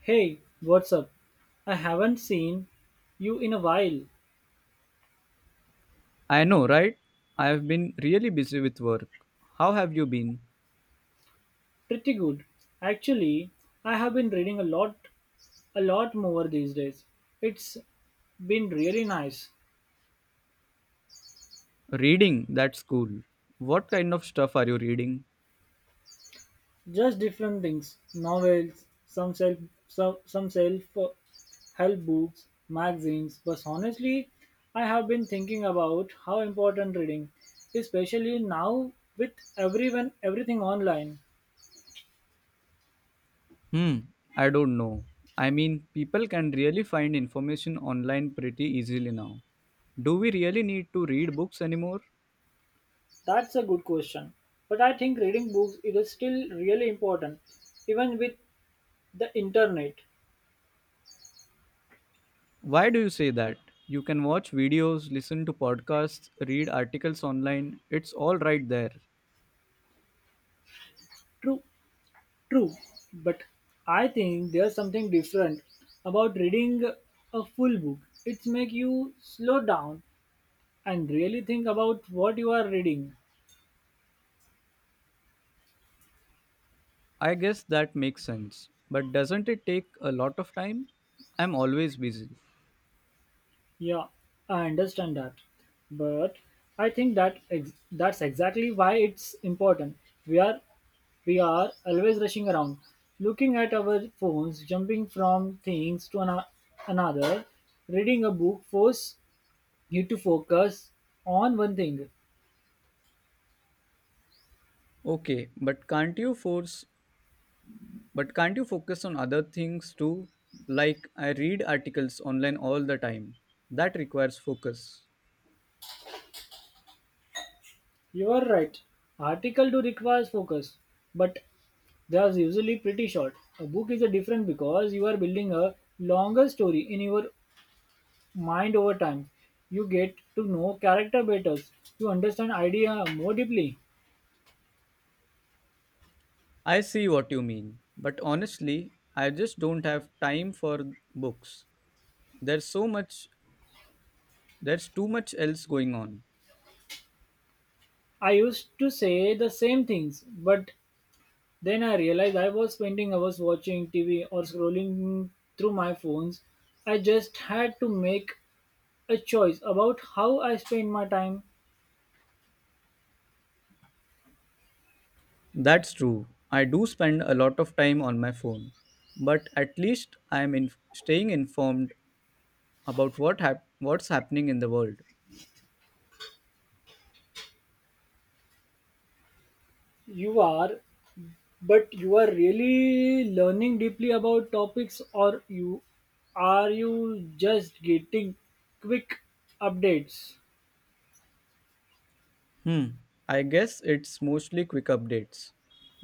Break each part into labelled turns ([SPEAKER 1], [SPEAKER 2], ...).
[SPEAKER 1] Hey, what's up? I haven't seen you in a while.
[SPEAKER 2] I know, right? I have been really busy with work. How have you been?
[SPEAKER 1] Pretty good. Actually, I have been reading a lot more these days. It's been really nice.
[SPEAKER 2] Reading, that's cool. What kind of stuff are you reading?
[SPEAKER 1] Just different things. Novels, some self help books, magazines, but honestly, I have been thinking about how important reading, especially now with everyone everything online.
[SPEAKER 2] Hmm, I don't know. I mean, people can really find information online pretty easily now. Do we really need to read books anymore?
[SPEAKER 1] That's a good question. But I think reading books is still really important, even with the internet.
[SPEAKER 2] Why do you say that? You can watch videos, listen to podcasts, read articles online. It's all right there.
[SPEAKER 1] True, true. But I think there's something different about reading a full book. It makes you slow down and really think about what you are reading.
[SPEAKER 2] I guess that makes sense. But doesn't it take a lot of time? I'm always busy.
[SPEAKER 1] Yeah, I understand that. But I think that's exactly why it's important. We are we are always rushing around, looking at our phones, jumping from things to another. Reading a book force you to focus on one thing.
[SPEAKER 2] Okay, but can't you focus on other things too? Like I read articles online all the time. That requires focus.
[SPEAKER 1] You are right. Article do requires focus, but they are usually pretty short. A book is a different because you are building a longer story in your mind over time. You get to know character better. You understand idea more deeply.
[SPEAKER 2] I see what you mean, but honestly, I just don't have time for books. There's so much there's too much else going on.
[SPEAKER 1] I used to say the same things, but then I realized I was spending hours watching TV or scrolling through my phones. I just had to make a choice about how I spend my time.
[SPEAKER 2] That's true. I do spend a lot of time on my phone, but at least staying informed about what's happening in the world.
[SPEAKER 1] You are, but you are really learning deeply about topics, or you are you just getting quick updates?
[SPEAKER 2] Hmm, I guess it's mostly quick updates.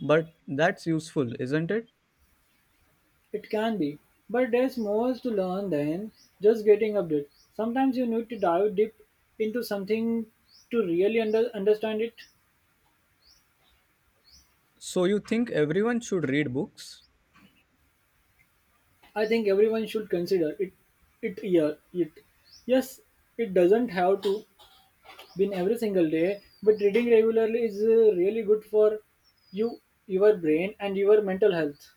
[SPEAKER 2] But that's useful, isn't it?
[SPEAKER 1] It can be, but there's more to learn than just getting updates. Sometimes you need to dive deep into something to really understand it.
[SPEAKER 2] So you think everyone should read books?
[SPEAKER 1] I think everyone should consider it. It yeah, it yes, it doesn't have to be every single day, but reading regularly is really good for you, your brain, and your mental health.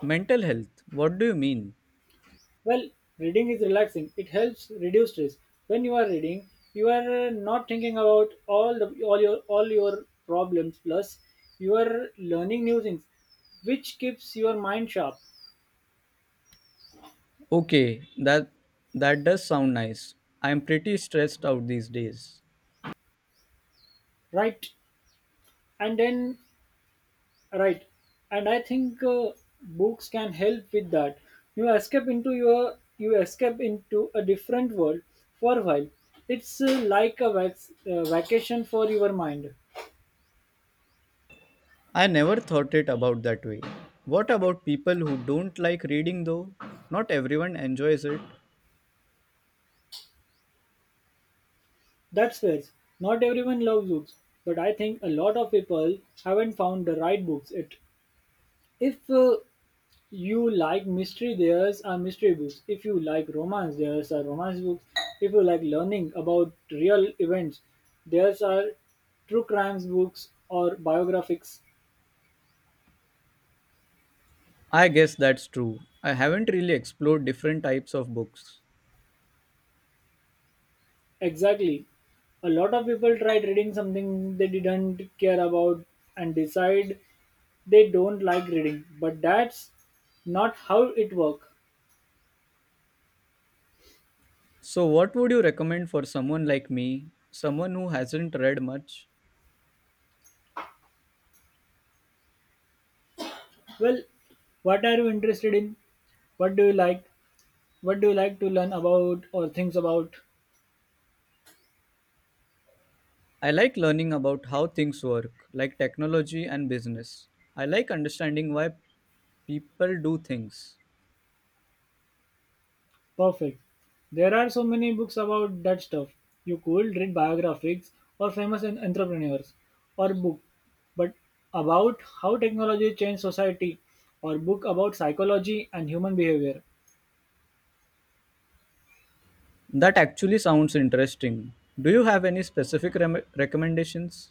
[SPEAKER 2] Mental health, what do you mean?
[SPEAKER 1] Well, reading is relaxing. It helps reduce stress. When you are reading, you are not thinking about all your problems. Plus, you are learning new things, which keeps your mind sharp.
[SPEAKER 2] Okay, that does sound nice. I'm pretty stressed out these days.
[SPEAKER 1] Right, and then right, and I think books can help with that. You escape into a different world for a while. It's like a vacation for your mind.
[SPEAKER 2] I never thought it about that way. What about people who don't like reading though? Not everyone enjoys it.
[SPEAKER 1] That's fair. Not everyone loves books, but I think a lot of people haven't found the right books yet. If you like mystery, there's are mystery books. If you like romance, there's are romance books. If you like learning about real events, there's are true crimes books or biographics.
[SPEAKER 2] I guess that's true. I haven't really explored different types of books.
[SPEAKER 1] Exactly. A lot of people tried reading something they didn't care about and decide they don't like reading, but that's not how it works.
[SPEAKER 2] So, what would you recommend for someone like me, someone who hasn't read much?
[SPEAKER 1] Well, what are you interested in? What do you like? What do you like to learn about or things about?
[SPEAKER 2] I like learning about how things work, like technology and business. I like understanding why people do things.
[SPEAKER 1] Perfect. There are so many books about that stuff. You could read biographies or famous entrepreneurs or book, but about how technology changed society or book about psychology and human behavior.
[SPEAKER 2] That actually sounds interesting. Do you have any recommendations?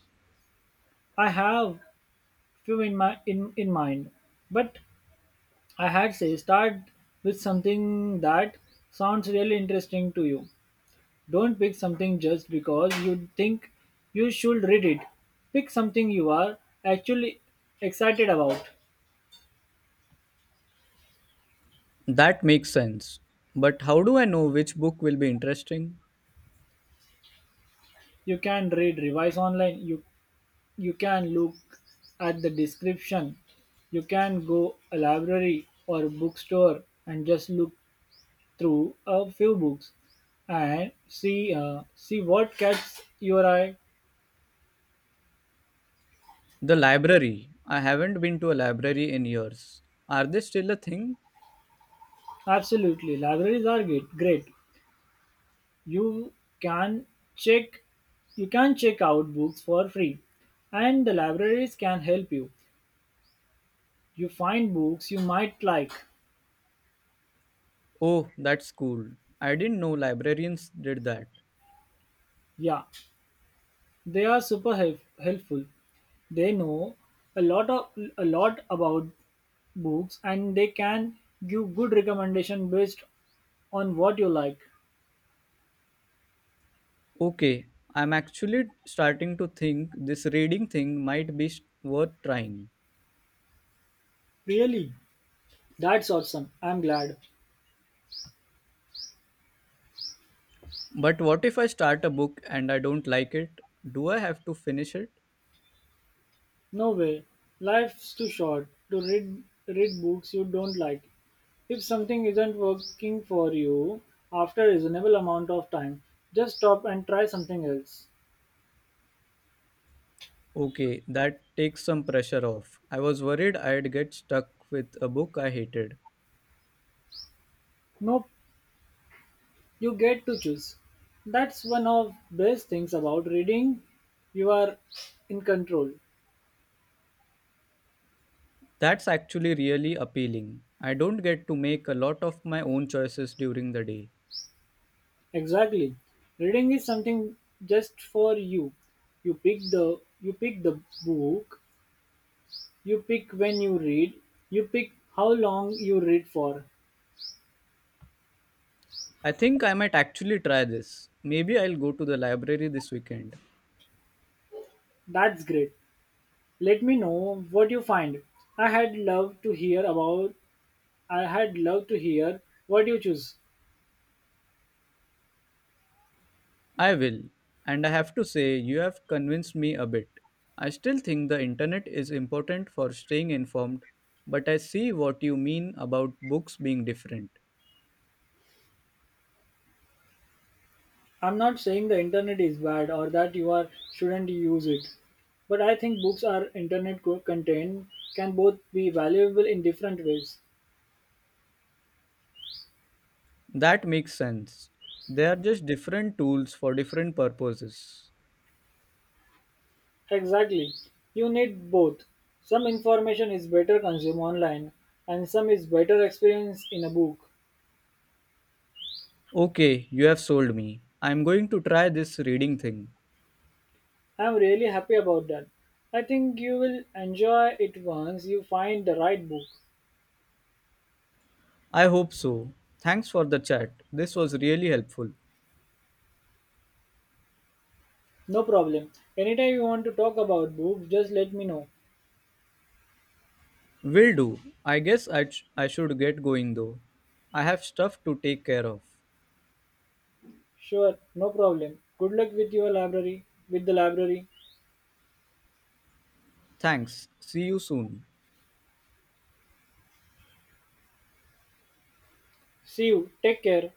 [SPEAKER 1] I have few in in mind, but I had say start with something that sounds really interesting to you. Don't pick something just because you think you should read it. Pick something you are actually excited about.
[SPEAKER 2] That makes sense. But how do I know which book will be interesting?
[SPEAKER 1] You can revise online. You can look at the description. You can go a library or a bookstore and just look through a few books and see see what catches your eye.
[SPEAKER 2] The library. I haven't been to a library in years. Are they still a thing?
[SPEAKER 1] Absolutely, libraries are great. Great. You can check you can check out books for free and the libraries can help you. You find books you might like.
[SPEAKER 2] Oh, that's cool. I didn't know librarians did that.
[SPEAKER 1] Yeah, they are super helpful. They know a lot of a lot about books and they can give good recommendation based on what you like.
[SPEAKER 2] Okay, I'm actually starting to think this reading thing worth trying.
[SPEAKER 1] Really? That's awesome. I'm glad.
[SPEAKER 2] But what if I start a book and I don't like it? Do I have to finish it?
[SPEAKER 1] No way. Life's too short to read books you don't like. If something isn't working for you after a reasonable amount of time, just stop and try something else.
[SPEAKER 2] Okay, that takes some pressure off. I was worried I'd get stuck with a book I hated.
[SPEAKER 1] Nope, you get to choose. That's one of best things about reading. You are in control.
[SPEAKER 2] That's actually really appealing. I don't get to make a lot of my own choices during the day.
[SPEAKER 1] Exactly. Reading is something just for you. You pick the book, you pick when you read, you pick how long you read for.
[SPEAKER 2] I think I might actually try this. Maybe I'll go to the library this weekend.
[SPEAKER 1] That's great. Let me know what you find. I had love to hear about I had love to hear what you choose.
[SPEAKER 2] I will, and I have to say, you have convinced me a bit. I still think the internet is important for staying informed, but I see what you mean about books being different.
[SPEAKER 1] I'm not saying the internet is bad or that you are shouldn't use it. But I think books or internet content can both be valuable in different ways.
[SPEAKER 2] That makes sense. They are just different tools for different purposes.
[SPEAKER 1] Exactly. You need both. Some information is better consumed online and some is better experienced in a book.
[SPEAKER 2] Okay, you have sold me. I'm going to try this reading thing.
[SPEAKER 1] I'm really happy about that. I think you will enjoy it once you find the right book.
[SPEAKER 2] I hope so. Thanks for the chat. This was really helpful.
[SPEAKER 1] No problem. Anytime you want to talk about books, just let me know.
[SPEAKER 2] Will do. I should get going though. I have stuff to take care of.
[SPEAKER 1] Sure, no problem. Good luck with with the library.
[SPEAKER 2] Thanks. See you soon.
[SPEAKER 1] See you. Take care.